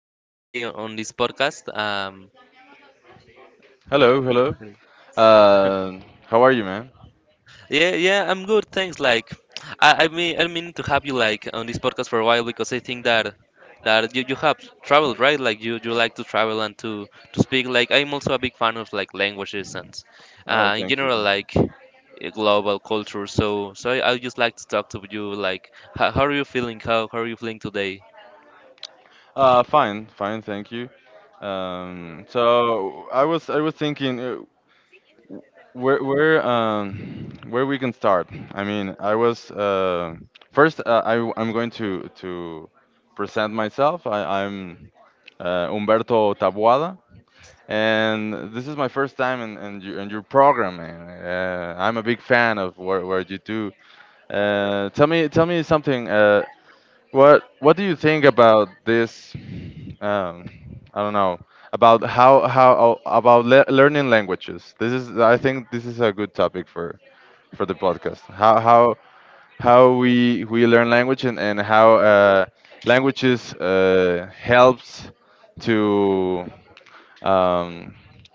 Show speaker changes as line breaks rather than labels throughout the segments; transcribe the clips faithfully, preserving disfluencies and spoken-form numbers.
joining us today on, on this podcast. Um,
Hello, hello. Uh, how are you, man?
yeah, yeah, I'm good. Thanks. Like, I I mean, I mean to have you like on this podcast for a while because I think that that you, you have traveled, right? Like, you, you like to travel and to to speak. Like, I'm also a big fan of like languages and
Oh,
uh, in
thank you.
general
Thank-
like uh, global culture. So so I, I just like to talk to you. Like, how, how are you feeling? How how are you feeling today?
Uh, fine, fine, thank you. Um, so I was I was thinking uh, where where um where we can start. I mean, I was uh first uh, I I'm going to to present myself. I, I'm uh, Humberto Tabuada, and this is my first time in, in, your, in your program, man. Uh, I'm a big fan of what, what you do. Uh, tell me, tell me something. Uh, What what do you think about this? Um, I don't know about how how about le learning languages. This is I think this is a good topic for for the podcast. How how how we we learn language and and how uh, languages uh, helps to um,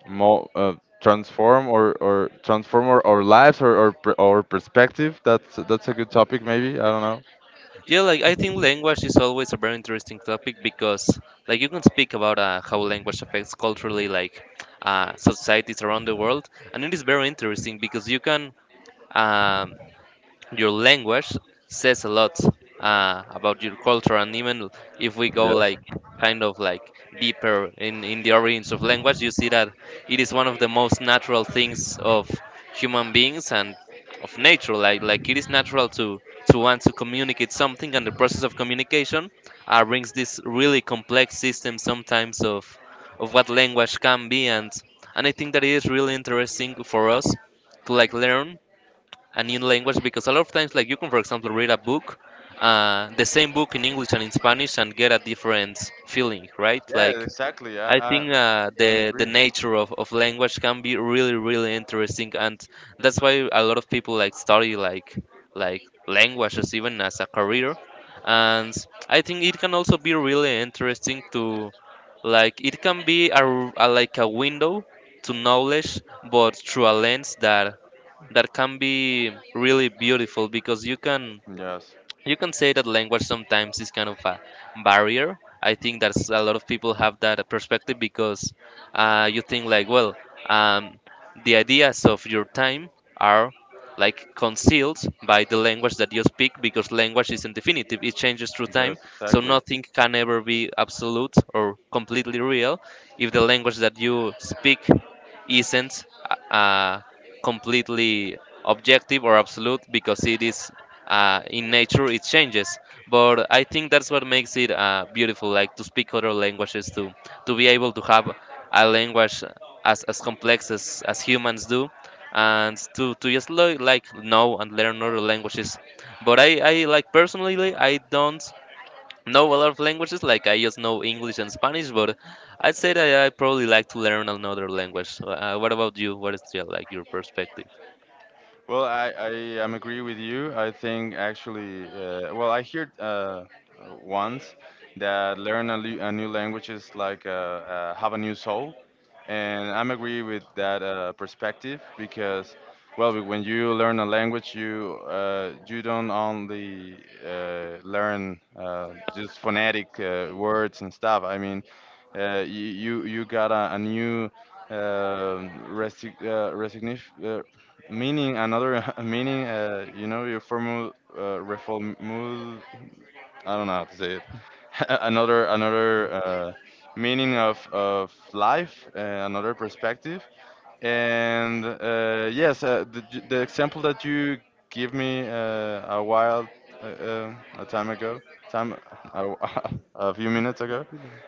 mo uh, transform or or transform our, our lives or or per- our perspective. That's that's a good topic maybe. I don't know.
Yeah, like I think language is always a very interesting topic because, like, you can speak about uh, how language affects culturally, like, uh, societies around the world, and it is very interesting because you can um, your language says a lot uh, about your culture, and even if we go
Yes.
like kind of like deeper in, in the origins of language, you see that it is one of the most natural things of human beings and of nature. Like like it is natural to to want to communicate something, and the process of communication uh, brings this really complex system sometimes of of what language can be, and and I think that it is really interesting for us to like learn a new language because a lot of times like you can for example read a book, uh, the same book in English and in Spanish, and get a different feeling, right?
Yeah,
Like,
exactly.
I
I, I
think uh,
I'm
the the
agree.
nature of, of language can be really really interesting. And that's why a lot of people like study like like languages even as a career, and I think it can also be really interesting to, like, it can be a, r- a- like a window to knowledge, but through a lens that that can be really beautiful because you can,
Yes.
you can say that language sometimes is kind of a barrier. I think that's a lot of people have that perspective because, uh, you think like, well, um, the ideas of your time are like concealed by the language that you speak because language isn't definitive. It changes through time,
Yes,
so
exactly.
nothing can ever be absolute or completely real if the language that you speak isn't uh, completely objective or absolute because it is, uh, in nature, it changes. But I think that's what makes it uh, beautiful, like to speak other languages, to to be able to have a language as, as complex as, as humans do, and to, to just lo- like know and learn other languages. But I, I like personally I don't know a lot of languages, like I just know English and Spanish, but I'd say that I probably like to learn another language. Uh, what about you? What is your, like your perspective?
Well, I, I am agree with you. I think actually, uh, well, I heard uh, once that learn a, lu- a new language is like uh, uh, have a new soul and I'm agree with that uh, perspective because, well, be- when you learn a language, you uh, you don't only uh, learn uh, just phonetic uh, words and stuff. I mean, uh, you you you got a, a new um resi- uh, resignif uh, meaning, another meaning. Uh, you know, your formal uh, reformul. I don't know how to say it. Another another uh, meaning of of life, uh, another perspective. And uh, yes, uh, the j- the example that you give me uh, a while uh, uh, a time ago, time a, a few minutes ago,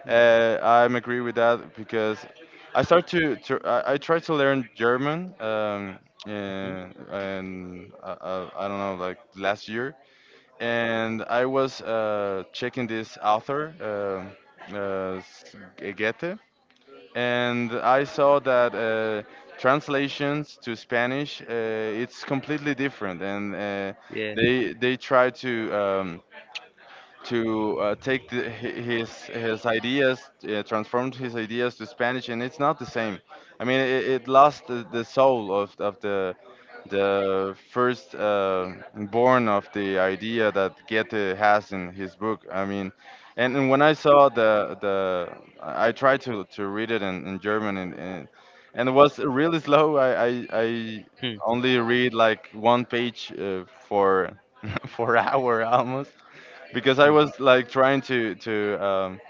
uh, I'm agree with that because I start to, to I, I try to learn German. Um, and, and I, I, I don't know, like last year, and I was uh, checking this author, uh, uh, S- G- Goethe, and I saw that uh, translations to Spanish uh, it's completely different, and uh,
Yeah.
they they try to um, to uh, take the, hi- his his ideas, uh, transformed his ideas to Spanish, and it's not the same. I mean, it, it lost the, the soul of of the the first uh, born of the idea that Goethe has in his book. I mean, and, and when I saw the the, I I tried to, to read it in, in German, and, and and it was really slow. I, I I
Hmm,
only read like one page uh, for for hour almost because I
hmm.
was like trying to to um,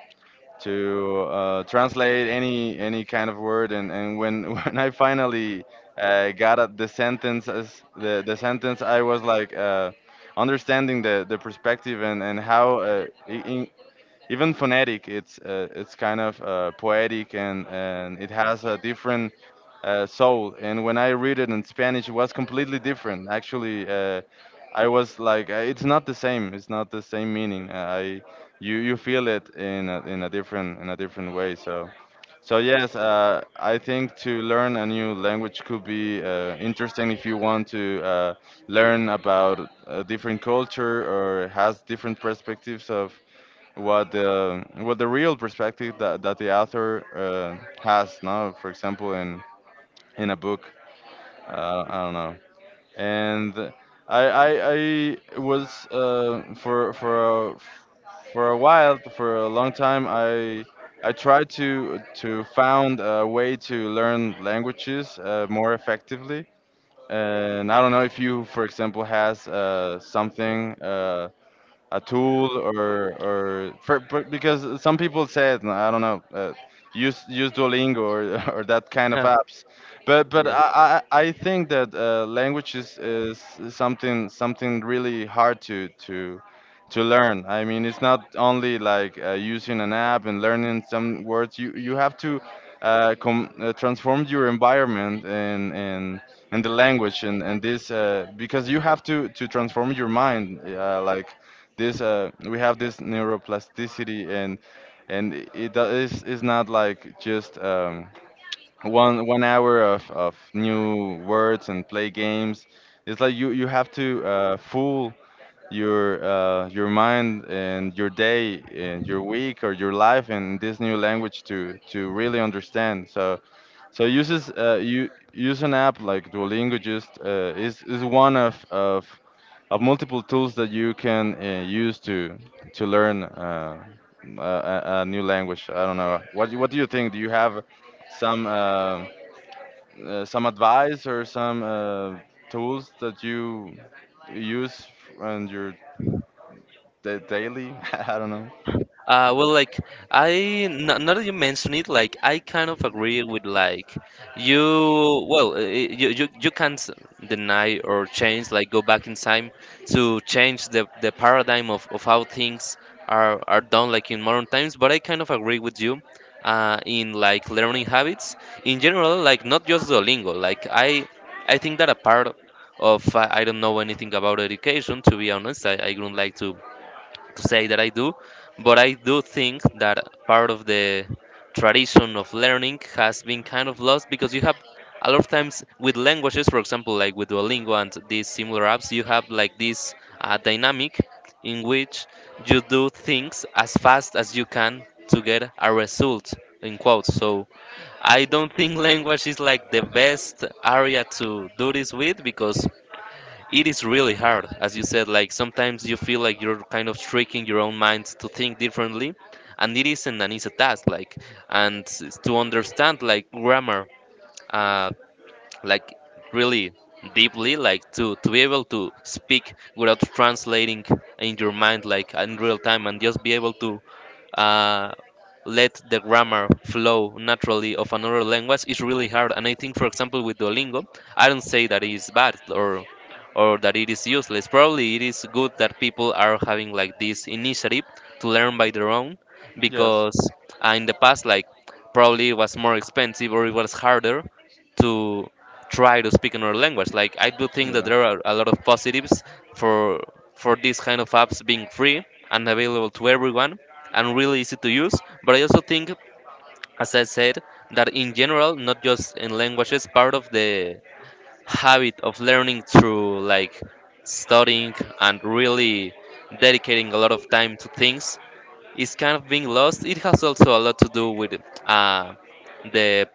to uh, translate any any kind of word, and, and when when I finally uh, got at the sentence as the the sentence, I was like uh, understanding the the perspective and and how uh, in, even phonetic it's uh, it's kind of uh, poetic and and it has a different uh, soul, and when I read it in Spanish it was completely different. Actually, uh, I was like uh, it's not the same, it's not the same meaning. Uh, i you you feel it in a, in a different, in a different way. So so yes, uh, I think to learn a new language could be uh, interesting if you want to uh, learn about a different culture or has different perspectives of what the what the real perspective that, that the author uh, has, no? For example in in a book, uh, I don't know. And i i, I was uh, for for a, for a while, for a long time i i tried to to found a way to learn languages uh, more effectively, and I don't know if you for example has uh, something uh, a tool or or for, for, because some people said, I don't know, uh, use use Duolingo or or that kind of
Huh.
apps, but but I I, I think that uh, language is, is something, something really hard to to to learn. I mean it's not only like uh, using an app and learning some words. You you have to uh, com- uh, transform your environment and and and the language and and this uh, because you have to to transform your mind uh, like this. Uh we have this neuroplasticity, and and it do- is is not like just um one one hour of of new words and play games. It's like you you have to uh fool your uh your mind and your day and your week or your life in this new language to to really understand. So so uses uh you use an app like Duolingo. Just uh is is one of of of multiple tools that you can uh, use to to learn uh, a, a a new language. I don't know, what do- what do you think? Do you have some uh, uh, some advice or some uh, tools that you use in your da- daily? I don't know.
Uh, well, like I, n- now that you mention it, like I kind of agree with like you. Well, uh, you you, you can't deny or change, like go back in time to change the, the paradigm of, of how things are are done, like in modern times. But I kind of agree with you, uh, in like learning habits in general, like not just Duolingo. Like I I think that a part of, I I don't know anything about education. To be honest, I I wouldn't like to to say that I do, but I do think that part of the tradition of learning has been kind of lost because you have a lot of times with languages, for example, like with Duolingo and these similar apps, you have like this uh, dynamic in which you do things as fast as you can to get a result in quotes. So I don't think language is like the best area to do this with because it is really hard, as you said. Like sometimes you feel like you're kind of tricking your own mind to think differently, and it isn't an easy task, like, and s- to understand like grammar, uh, like really deeply, like to, to be able to speak without translating in your mind, like in real time, and just be able to uh, let the grammar flow naturally of another language is really hard. And I think, for example, with Duolingo, I don't say that it is bad or or that it is useless. Probably it is good that people are having like this initiative to learn by their own
Yes.
because uh, in the past, like probably it was more expensive or it was harder to try to speak another language. Like I do think that
Yeah.
there are a lot of positives for for these kind of apps being free and available to everyone and really easy to use. But I also think, as I said, that in general, not just in languages, part of the habit of learning through like studying and really dedicating a lot of time to things is kind of being lost. It has also a lot to do with uh, the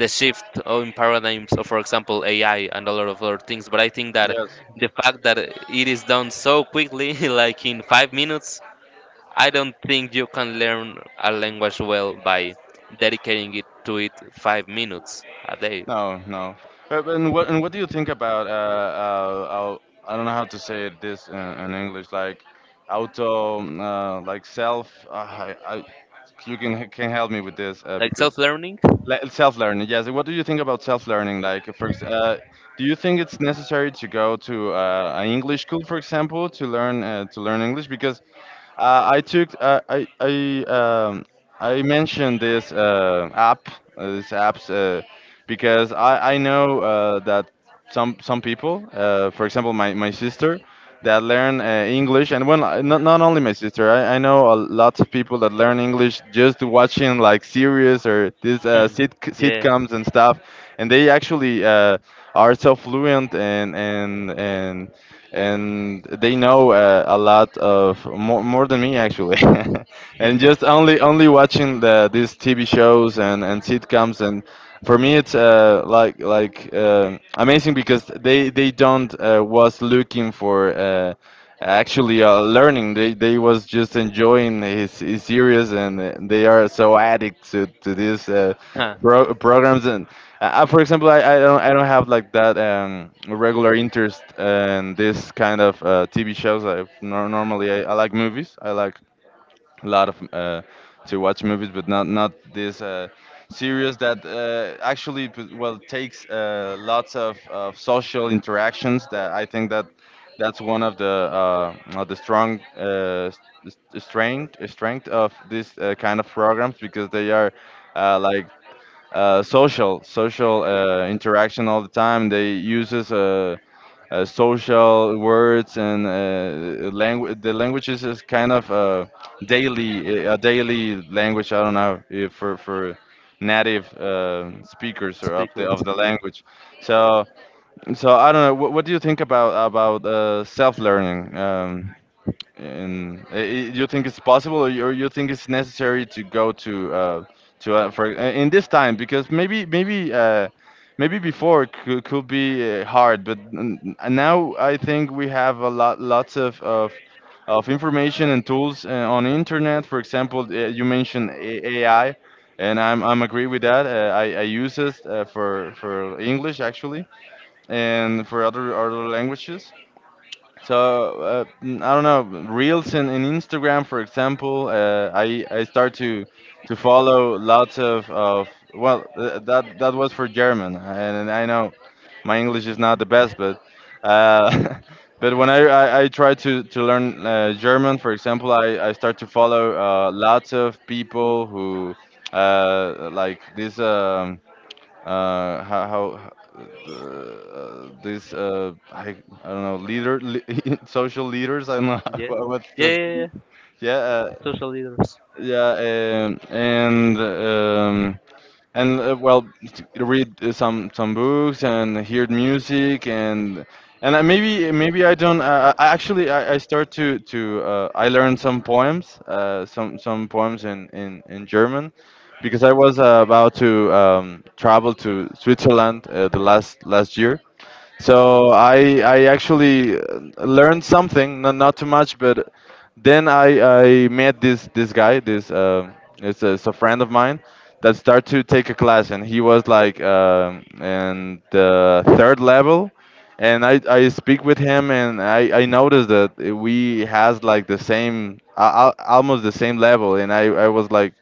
the shift in paradigms of, for example, A I and a lot of other things. But I think that
Yes.
the fact that it is done so quickly, like in five minutes, I don't think you can learn a language well by dedicating it to it five minutes a day.
No, no. But, but and what and what do you think about uh, uh, uh I don't know how to say it, this in, in English, like auto uh, like self uh, I, I you can can help me with this uh,
Like
because
self learning?
le- self-learning? Yes, what do you think about self-learning? Like for ex- uh, do you think it's necessary to go to uh, an English school, for example, to learn uh, to learn English? Because uh, I took uh, I I um, I mentioned this uh, app, uh, this apps uh, because I I know uh, that some some people, uh, for example my, my sister that learn uh, English, and when I- not, not only my sister, I, I know a, lots of people that learn English just watching like series or these uh,
Hmm.
sit,
Yeah.
sitcoms and stuff, and they actually uh, are so fluent and and and and they know uh, a lot of, more, more than me actually,
Hmm.
and just only only watching the these TV shows and and sitcoms. And for me it's uh, like like uh, amazing because they they don't uh, was looking for uh, actually uh, learning. they they was just enjoying his, his series, and uh, they are so addicted to, to these uh,
Huh.
pro- programs. And uh, uh, for example, I, I don't I don't have like that um, regular interest in this kind of uh, T V shows. I nor Normally I, I like movies. I like a lot of uh, to watch movies, but not not this uh, series that uh, actually p- well takes uh, lots of, of social interactions. That I think that that's one of the uh, of the strong uh, s- s- strength strength of this uh, kind of programs because they are uh, like uh, social social uh, interaction all the time. They uses uh, uh, social words and uh, language. The languages is kind of uh, daily uh, a daily language. I don't know if for for native uh, speakers or of the
Speakers.
of the
Yeah.
language. So so I don't know. What, what do you think about about uh, self learning? Um, and uh, i- you think it's possible, or you, or you think it's necessary to go to uh, to uh, for uh, in this time? Because maybe, maybe uh, maybe before could, could be uh, hard, but n- n- now I think we have a lot, lots of of, of information and tools uh, on internet. For example, uh, you mentioned A- AI, and I'm I'm agree with that. Uh, I I use it uh, for for English actually, and for other other languages. So uh, mm, I don't know, reels in, in Instagram, for example. Uh, I I start to to follow lots of of well, th- that that was for German, and I know my English is not the best, but uh, but when I, I I try to to learn uh, German, for example, I I start to follow uh, lots of people who uh, like this. Um, uh, how, how uh, this uh, I, I don't know, leader li- social leaders. I don't know
Yeah.
what, what,
Yeah, yeah,
what
yeah.
Yeah, uh,
Social leaders.
yeah. Um, and um, and uh, well t- read uh, some some books and hear music. And and I, maybe maybe I don't uh, I I actually I, I start to to uh, I learned some poems, uh, some some poems in, in in German, because I was uh, about to um, travel to Switzerland uh, the last last year. So I I actually uh, learned something, not not too much. But then I I met this this guy, this uh, it's, a, it's a friend of mine that started to take a class, and he was like um in the third level. And I I speak with him, and I I noticed that we has like the same al- al- almost the same level, and I I was like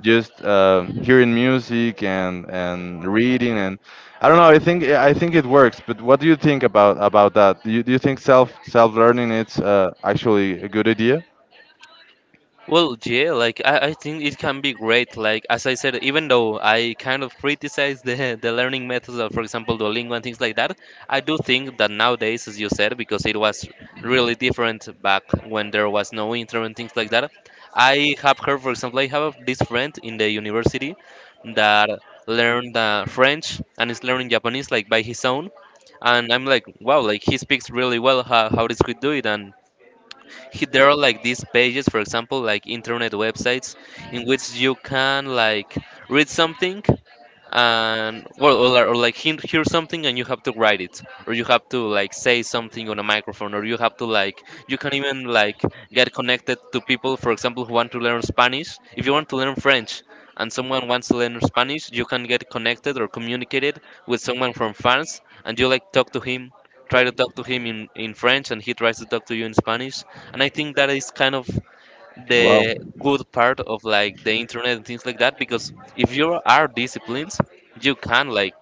just uh, hearing music and and reading. I don't know. I think I think it works. But what do you think about about that? Do you, do you think self self learning is uh, actually a good idea?
Well, yeah, like I, I think it can be great. Like as I said, even though I kind of criticize the the learning methods of, for example, Duolingo and things like that, I do think that nowadays, as you said, because it was really different back when there was no internet and things like that. I have heard, for example, I have this friend in the university that learned uh, French and is learning Japanese like by his own, and I'm like, wow, like he speaks really well. How how does he do it? And he, there are like these pages, for example, like internet websites, in which you can like read something, and well, or, or like hear hear something, and you have to write it or you have to like say something on a microphone or you have to like, you can even like get connected to people, for example, who want to learn Spanish. If you want to learn French and someone wants to learn Spanish, you can get connected or communicated with someone from France, and you like talk to him, try to talk to him in, in French, and he tries to talk to you in Spanish. And I think that is kind of
Wow.
the good part of like the internet and things like that, because if you are disciplined, you can like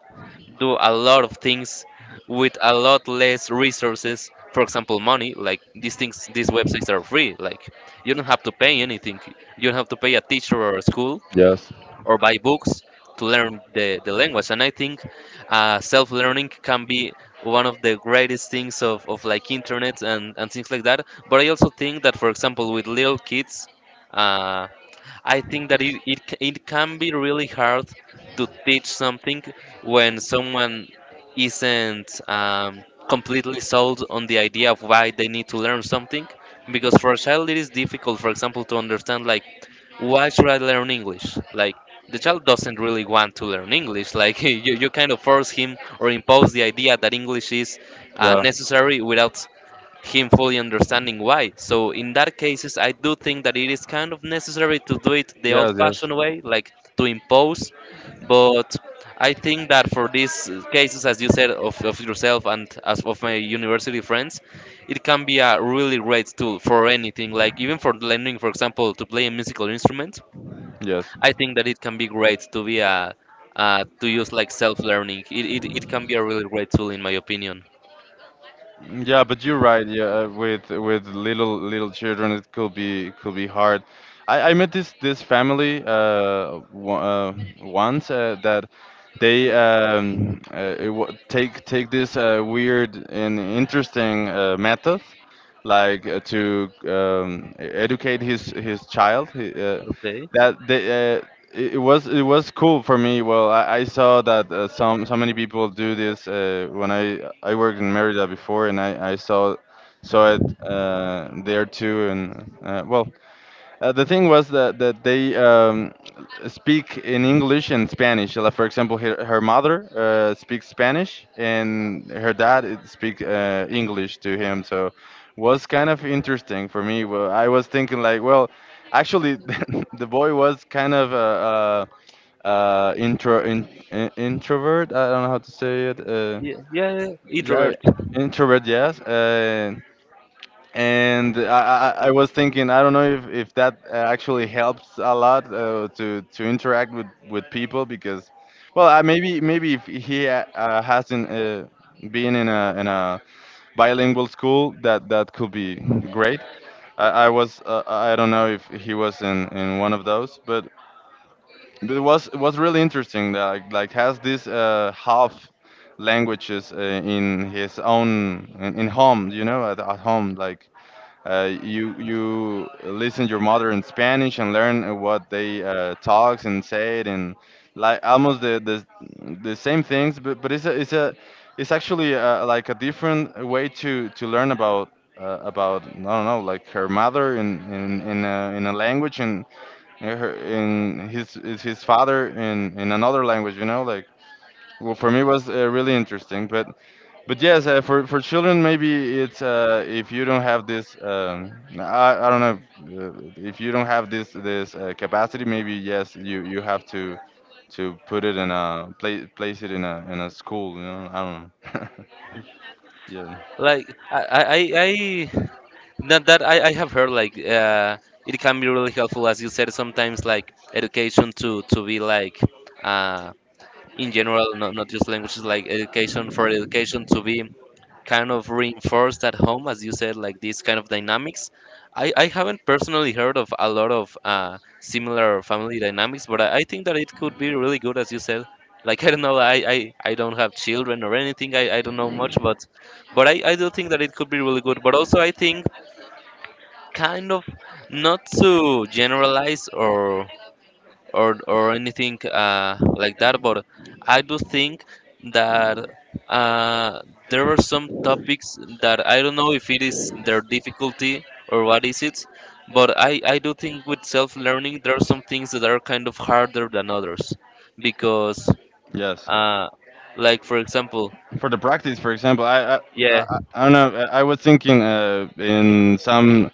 do a lot of things with a lot less resources, for example money. Like these things, these websites are free, like you don't have to pay anything, you don't have to pay a teacher or a school
Yes.
or buy books to learn the, the language. And I think uh, self-learning can be one of the greatest things of, of like internet and, and things like that. But I also think that, for example, with little kids, uh, I think that it, it, c- it can be really hard to teach something when someone isn't um, completely sold on the idea of why they need to learn something, because for a child it is difficult, for example, to understand like, why should I learn English? Like, the child doesn't really want to learn English. Like, you, you kind of force him or impose the idea that English is uh,
Yeah.
necessary without him fully understanding why. So in that cases, I do think that it is kind of necessary to do it the
Yes, yes.
old-fashioned way, like to impose. But I think that for these uh, cases, as you said, of, of yourself and as of my university friends, it can be a really great tool for anything. Like even for learning, for example, to play a musical instrument, I think that it can be great to be a
Yes.
uh, to use like self-learning. It, it, it can be a really great tool in my opinion.
Yeah, but you're right. Yeah, uh, with with little little children, it could be it could be hard. I, I met this this family, uh, w uh once, uh, that they um, uh, it wa- take take this uh, weird and interesting uh, method, like uh, to um, e- educate his his child. He, uh,
Okay.
that they uh, it, it was it was cool for me. Well, I, I saw that uh, some so many people do this uh, when I I worked in Merida before, and I, I saw saw it uh, there too. And uh, well, uh, the thing was that that they um, speak in English and Spanish. Like, for example, her, her mother uh, speaks Spanish, and her dad it speak uh, English to him. So was kind of interesting for me. Well, I was thinking like, well, actually, the boy was kind of a, uh uh intro in, in, introvert. I don't know how to say it. Uh,
Yeah, yeah, yeah.
yeah,
Introvert.
introvert. Yes. Uh, and I, I, I was thinking, I don't know if, if that uh, actually helps a lot uh, to to interact with, with people. Because well, I, maybe maybe if he uh, uh, hasn't uh, been in a in a bilingual school, that that could be great. I, I was uh, I don't know if he was in, in one of those, but but it was it was really interesting that like, like has this uh, half languages uh, in his own, in, in home, you know, at, at home, like uh, you you listen your mother in Spanish, and learn uh, what they uh, talks and say it, and like almost the the, the same things. But, but it's a, it's a it's actually uh like a different way to to learn about, uh, about, I don't know, like her mother in in in a, in a language, and and her in his is his father in in another language. You know, like, well for me was uh, really interesting, but. But yes, uh, for for children, maybe it's uh, if you don't have this, um, I, I don't know, uh, if you don't have this this uh, capacity, maybe yes, you you have to to put it in a, place place it in a in a school. You know, I don't know. Yeah.
Like I I I I- that that I, I have heard, like uh it can be really helpful, as you said, sometimes like education to to be like uh in general, not not just languages, like education for education to be kind of reinforced at home, as you said, like these kind of dynamics. I, I haven't personally heard of a lot of uh, similar family dynamics, but I, I think that it could be really good, as you said. Like I don't know, I, I, I don't have children or anything. I, I don't know much, but but I, I do think that it could be really good. But also I think, kind of, not to generalize or or or anything, uh, like that. But I do think that, uh, there are some topics that I don't know if it is their difficulty or what is it, but I I do think with self learning there are some things that are kind of harder than others because,
Yes.
uh, like, for example.
For the practice, for example, I I, I,
Yeah,
I I don't know. I I was thinking uh, in some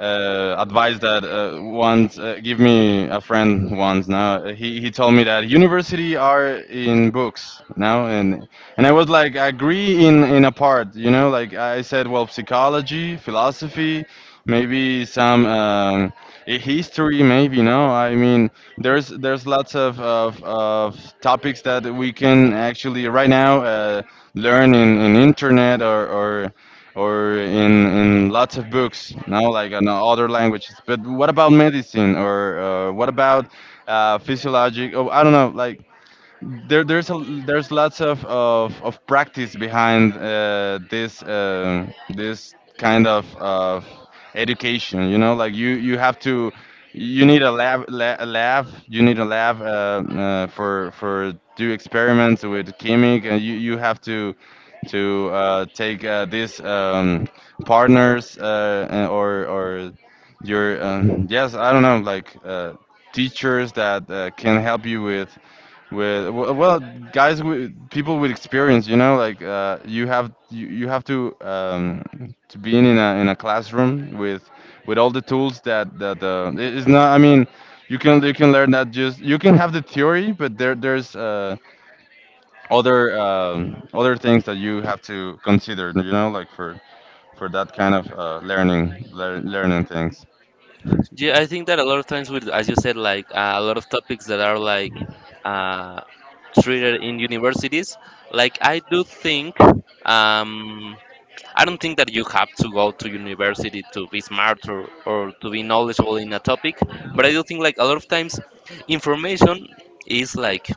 uh, advice that uh, once uh, give me a friend once now, uh, he, he told me that university are in books now. And and I was like, I agree in in a part, you know, like I said, well, psychology, philosophy, maybe some, um, i- history maybe no. I mean, there's there's lots of, of, of topics that we can actually right now uh, learn in, in internet, or, or or in in lots of books now, like in other languages. But what about medicine? Or uh, what about uh, physiologic, oh I don't know, like there, there's a, there's lots of, of, of practice behind uh, this, um this kind of, of education. You know, like you, you have to you need a lab, la, a lab you need a lab, uh, uh, for for do experiments with chemic. And you, you have to to uh, take uh, these, um, partners, uh, and- or or your, um, yes, I don't know, like uh, teachers that uh, can help you with, with well, well guys, with people with experience. You know, like uh, you have you, you have to um, to be in a in a classroom with with all the tools, that that uh, it- it's not, I mean, you can you can learn that, just you can have the theory. But there there's uh, other, um, other things that you have to consider. You know, like for for that kind of uh, learning lear learning things.
yeah, I think that a lot of times, with, as you said, like, uh, a lot of topics that are, like, uh, treated in universities, like, I do think, um, I don't think that you have to go to university to be smart, or, or to be knowledgeable in a topic, but I do think, like, a lot of times information is, like,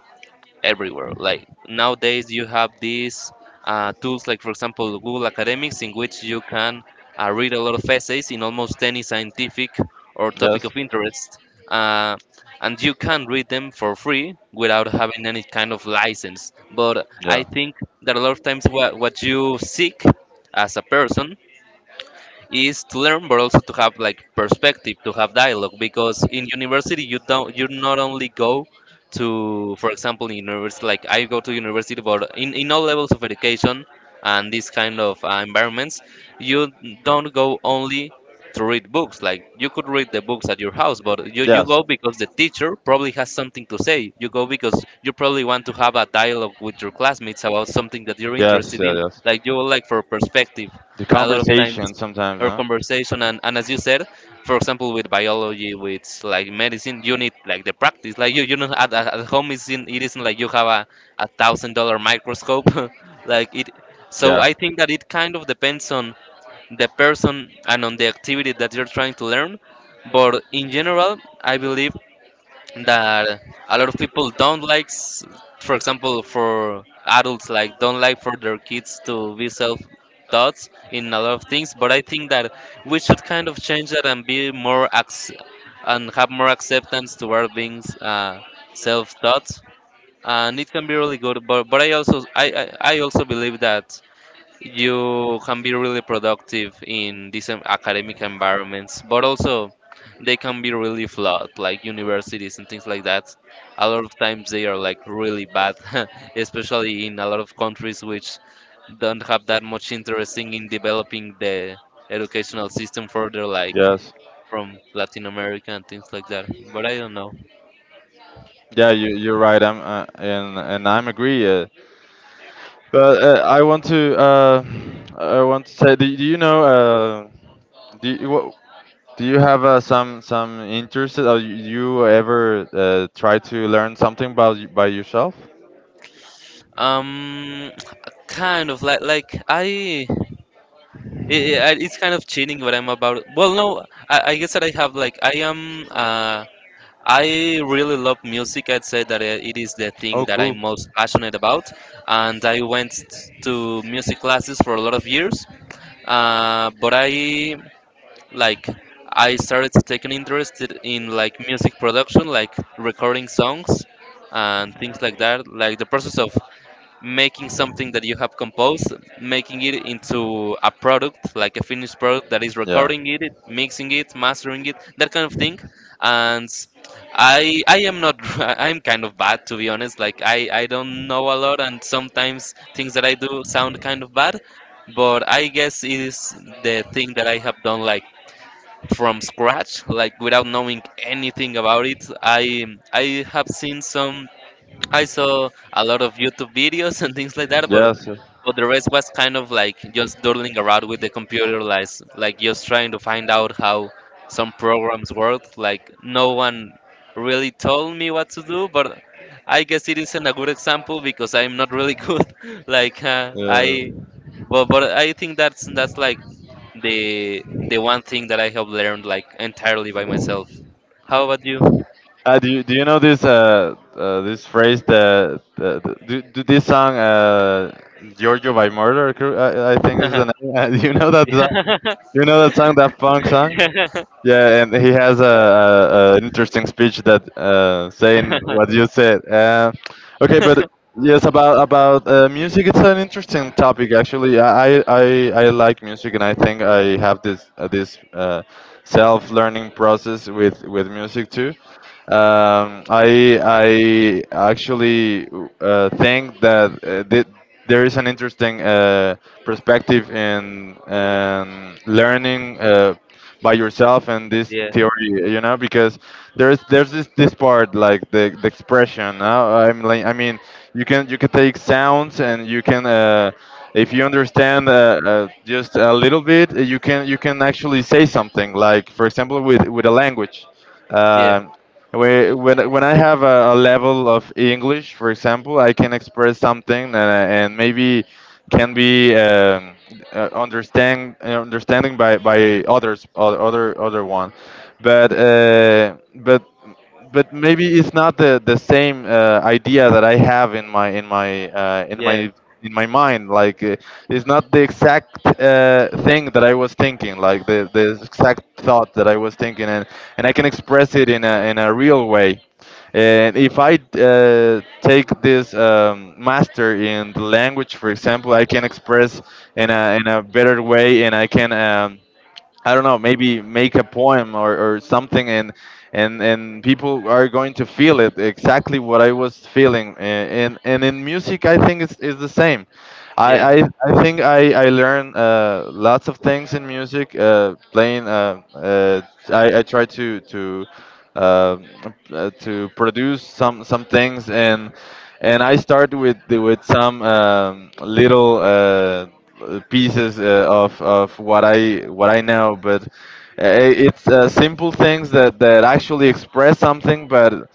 everywhere. Like, nowadays, you have these uh, tools, like, for example, Google Academics, in which you can uh, read a lot of essays in almost any scientific or topic of interest, uh, and you can read them for free without having any kind of license. But I
Yeah.
think that a lot of times, what, what you seek as a person is to learn, but also to have like perspective, to have dialogue, because in university you don't you not only go to, for example, in university, like, I go to university, but in, in all levels of education and these kind of uh, environments, you don't go only to read books. Like, you could read the books at your house, but you, you go because the teacher probably has something to say. You go because you probably want to have a dialogue with your classmates about something that you're
Yes.
interested in,
Yeah.
like, you, like, for perspective
The on the
a lot of
conversation
times, or
sometimes.
conversation. And, and as you said, for example with biology, with, like, medicine, you need, like, the practice. Like, you you know, at at at home, it's in, it isn't like you have a, a thousand dollar microscope, like it. So
Yeah.
I think that it kind of depends on the person and on the activity that you're trying to learn, but in general I believe that a lot of people don't like, s- for example, for adults, like, don't like for their kids to be self thoughts in a lot of things. But I think that we should kind of change that and be more, ac- and have more acceptance toward being, uh, self taught, and it can be really good. But but I also i i, I also believe that you can be really productive in these, um, academic environments, but also they can be really flawed, like universities and things like that. A lot of times they are, like, really bad, especially in a lot of countries which don't have that much interest in developing the educational system further, like
Yes.
from Latin America and things like that. But I don't know.
Yeah, you you're right. I'm uh, and and I'm agree. Uh, but uh, I want to uh, I want to say, do, do you know, uh, do you, what do you have uh, some some interest? Or you you ever uh, try to learn something by y- by yourself?
Um, Kind of, like, like I. I- I- it's kind of cheating what I'm about. Well, no, I, I guess that I have, like, I am. Uh, I really love music. I'd say that uh, it is the
Oh,
thing that I'm
cool.
most passionate about, and I went to music classes for a lot of years. Uh, but I, like, I started to take an interest in, in, like, music production, like recording songs and things like that, like the process of making something that you have composed, making it into a product, like a finished product, that is
Yeah.
recording it, mixing it, mastering it, that kind of thing. And I I am not, I'm kind of bad, to be honest. Like, I I don't know a lot, and sometimes things that I do sound kind of bad. But I guess it is the thing that I have done, like, from scratch, like, without knowing anything about it. I I have seen some. I saw a lot of YouTube videos and things like that, but
Yes. Yes.
but the rest was kind of like just doodling around with the computer, like, like just trying to find out how some programs work. Like, no one really told me what to do. But I guess it isn't a good example, because I'm not really good. Like, uh,
Yeah.
I, but but I think that's that's like the the one thing that I have learned, like, entirely by myself. How about you?
Uh, do you do you know this, uh, uh this phrase that, uh, do, do this song, uh Giorgio by Murder Crew, I, I think is the name. Do you know that so- you know that song, that funk song. Yeah, and he has a, a, a interesting speech that uh saying what you said. Uh, okay, but yes, about about uh, music, it's an interesting topic actually. I I, I I like music, and I think I have this uh, this, uh, self learning process with with music too. um, I I actually uh, think that, uh, th- there is an interesting uh, perspective in, um, learning, uh, by yourself, and this
Yeah.
theory, you know, because there's there's this this part, like the, the expression. Uh, I'm like, I mean, you can you can take sounds, and you can. Uh, if you understand, uh, uh, just a little bit, you can you can actually say something. Like, for example, with with a language,
Yeah,
Um, Whe- When when I have a, a level of English, for example, I can express something, uh, and maybe can be, um, uh, understand uh, understanding by by others, o- other other one, but uh, but but maybe it's not the the same, uh, idea that I have in my in my uh, in
yeah,
my in my mind. Like uh, it's not the exact uh, thing that I was thinking, like the the exact thought that I was thinking, and I can express it in a in a real way. And if I uh, take this, um, master in the language, for example, I can express in a in a better way. And I can. Um, I don't know, maybe make a poem, or, or something. And and and people are going to feel it exactly what I was feeling. A- And and in music, I think it's, is the same. I,
yeah,
I, I think I, I learned uh, lots of things in music, uh, playing uh, uh, I, I try to to um, uh, to produce some some things. And and I start with the- with some, um, little, uh, pieces, uh, of, of what I what I know, but uh, it's, uh, simple things that, that actually express something. but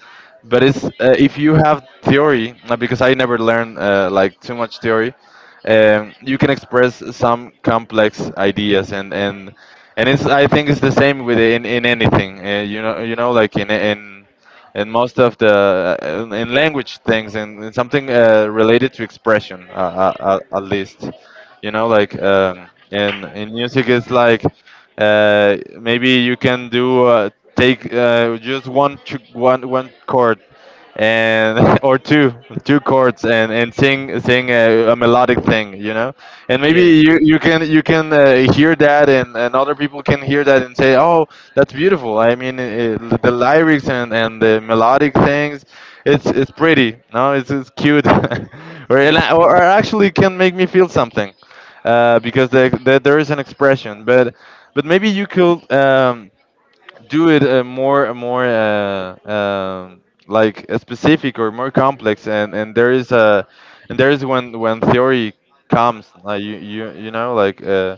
but it's, uh, if you have theory, uh, because I never learned, uh, like, too much theory. Um, you can express some complex ideas. And and and it's, I think it's the same with, in in anything, uh, you know, you know like, in in in most of the, uh, in language things, and, and something uh, related to expression, uh, uh, uh, at least. You know, like, um, in in music, it's like, uh, maybe you can do, uh, take, uh, just one ch- one one chord, and or two two chords, and and sing sing a, a melodic thing, you know. And maybe
yeah.
you you can you can uh, hear that. And and other people can hear that, and say, oh, that's beautiful. I mean, uh the lyrics and and the melodic things, it's it's pretty. No, it's it's cute, or, and
Hmm.
I- or actually can make me feel something, uh, because the, the, there is an expression. But but maybe you could, um, do it, uh, more more uh, um like, uh, specific or more complex. And, and there is a, and there is when when theory comes, like you you you know, like, uh,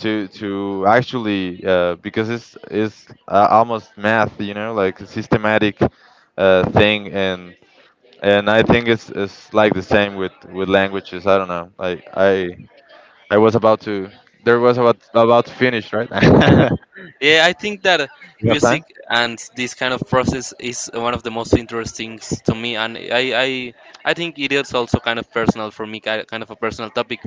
to to actually, uh, because it's it's uh, almost math, you know, like a systematic, uh, thing. And and I think it's it's like the same with with languages. I don't know. Like, I I was about to, there was about about to finish, right?
Yeah, I think that
You have time?
music and this kind of process is one of the most interesting, s- to me, and i i i think it is also kind of personal for me, ki- kind of a personal topic.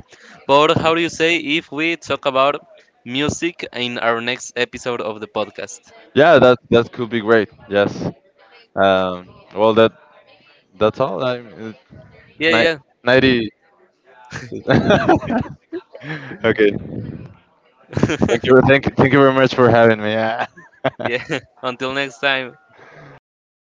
But how do you say if we talk about music in our next episode of the podcast?
Yeah, that that could be great. Yes. Um. Well, that that's all. I mean, ni-
Yeah,
ninety. Okay. Thank you.
yeah.
Thank you. Thank you very much for having me. Yeah.
Yeah, until next time. I start.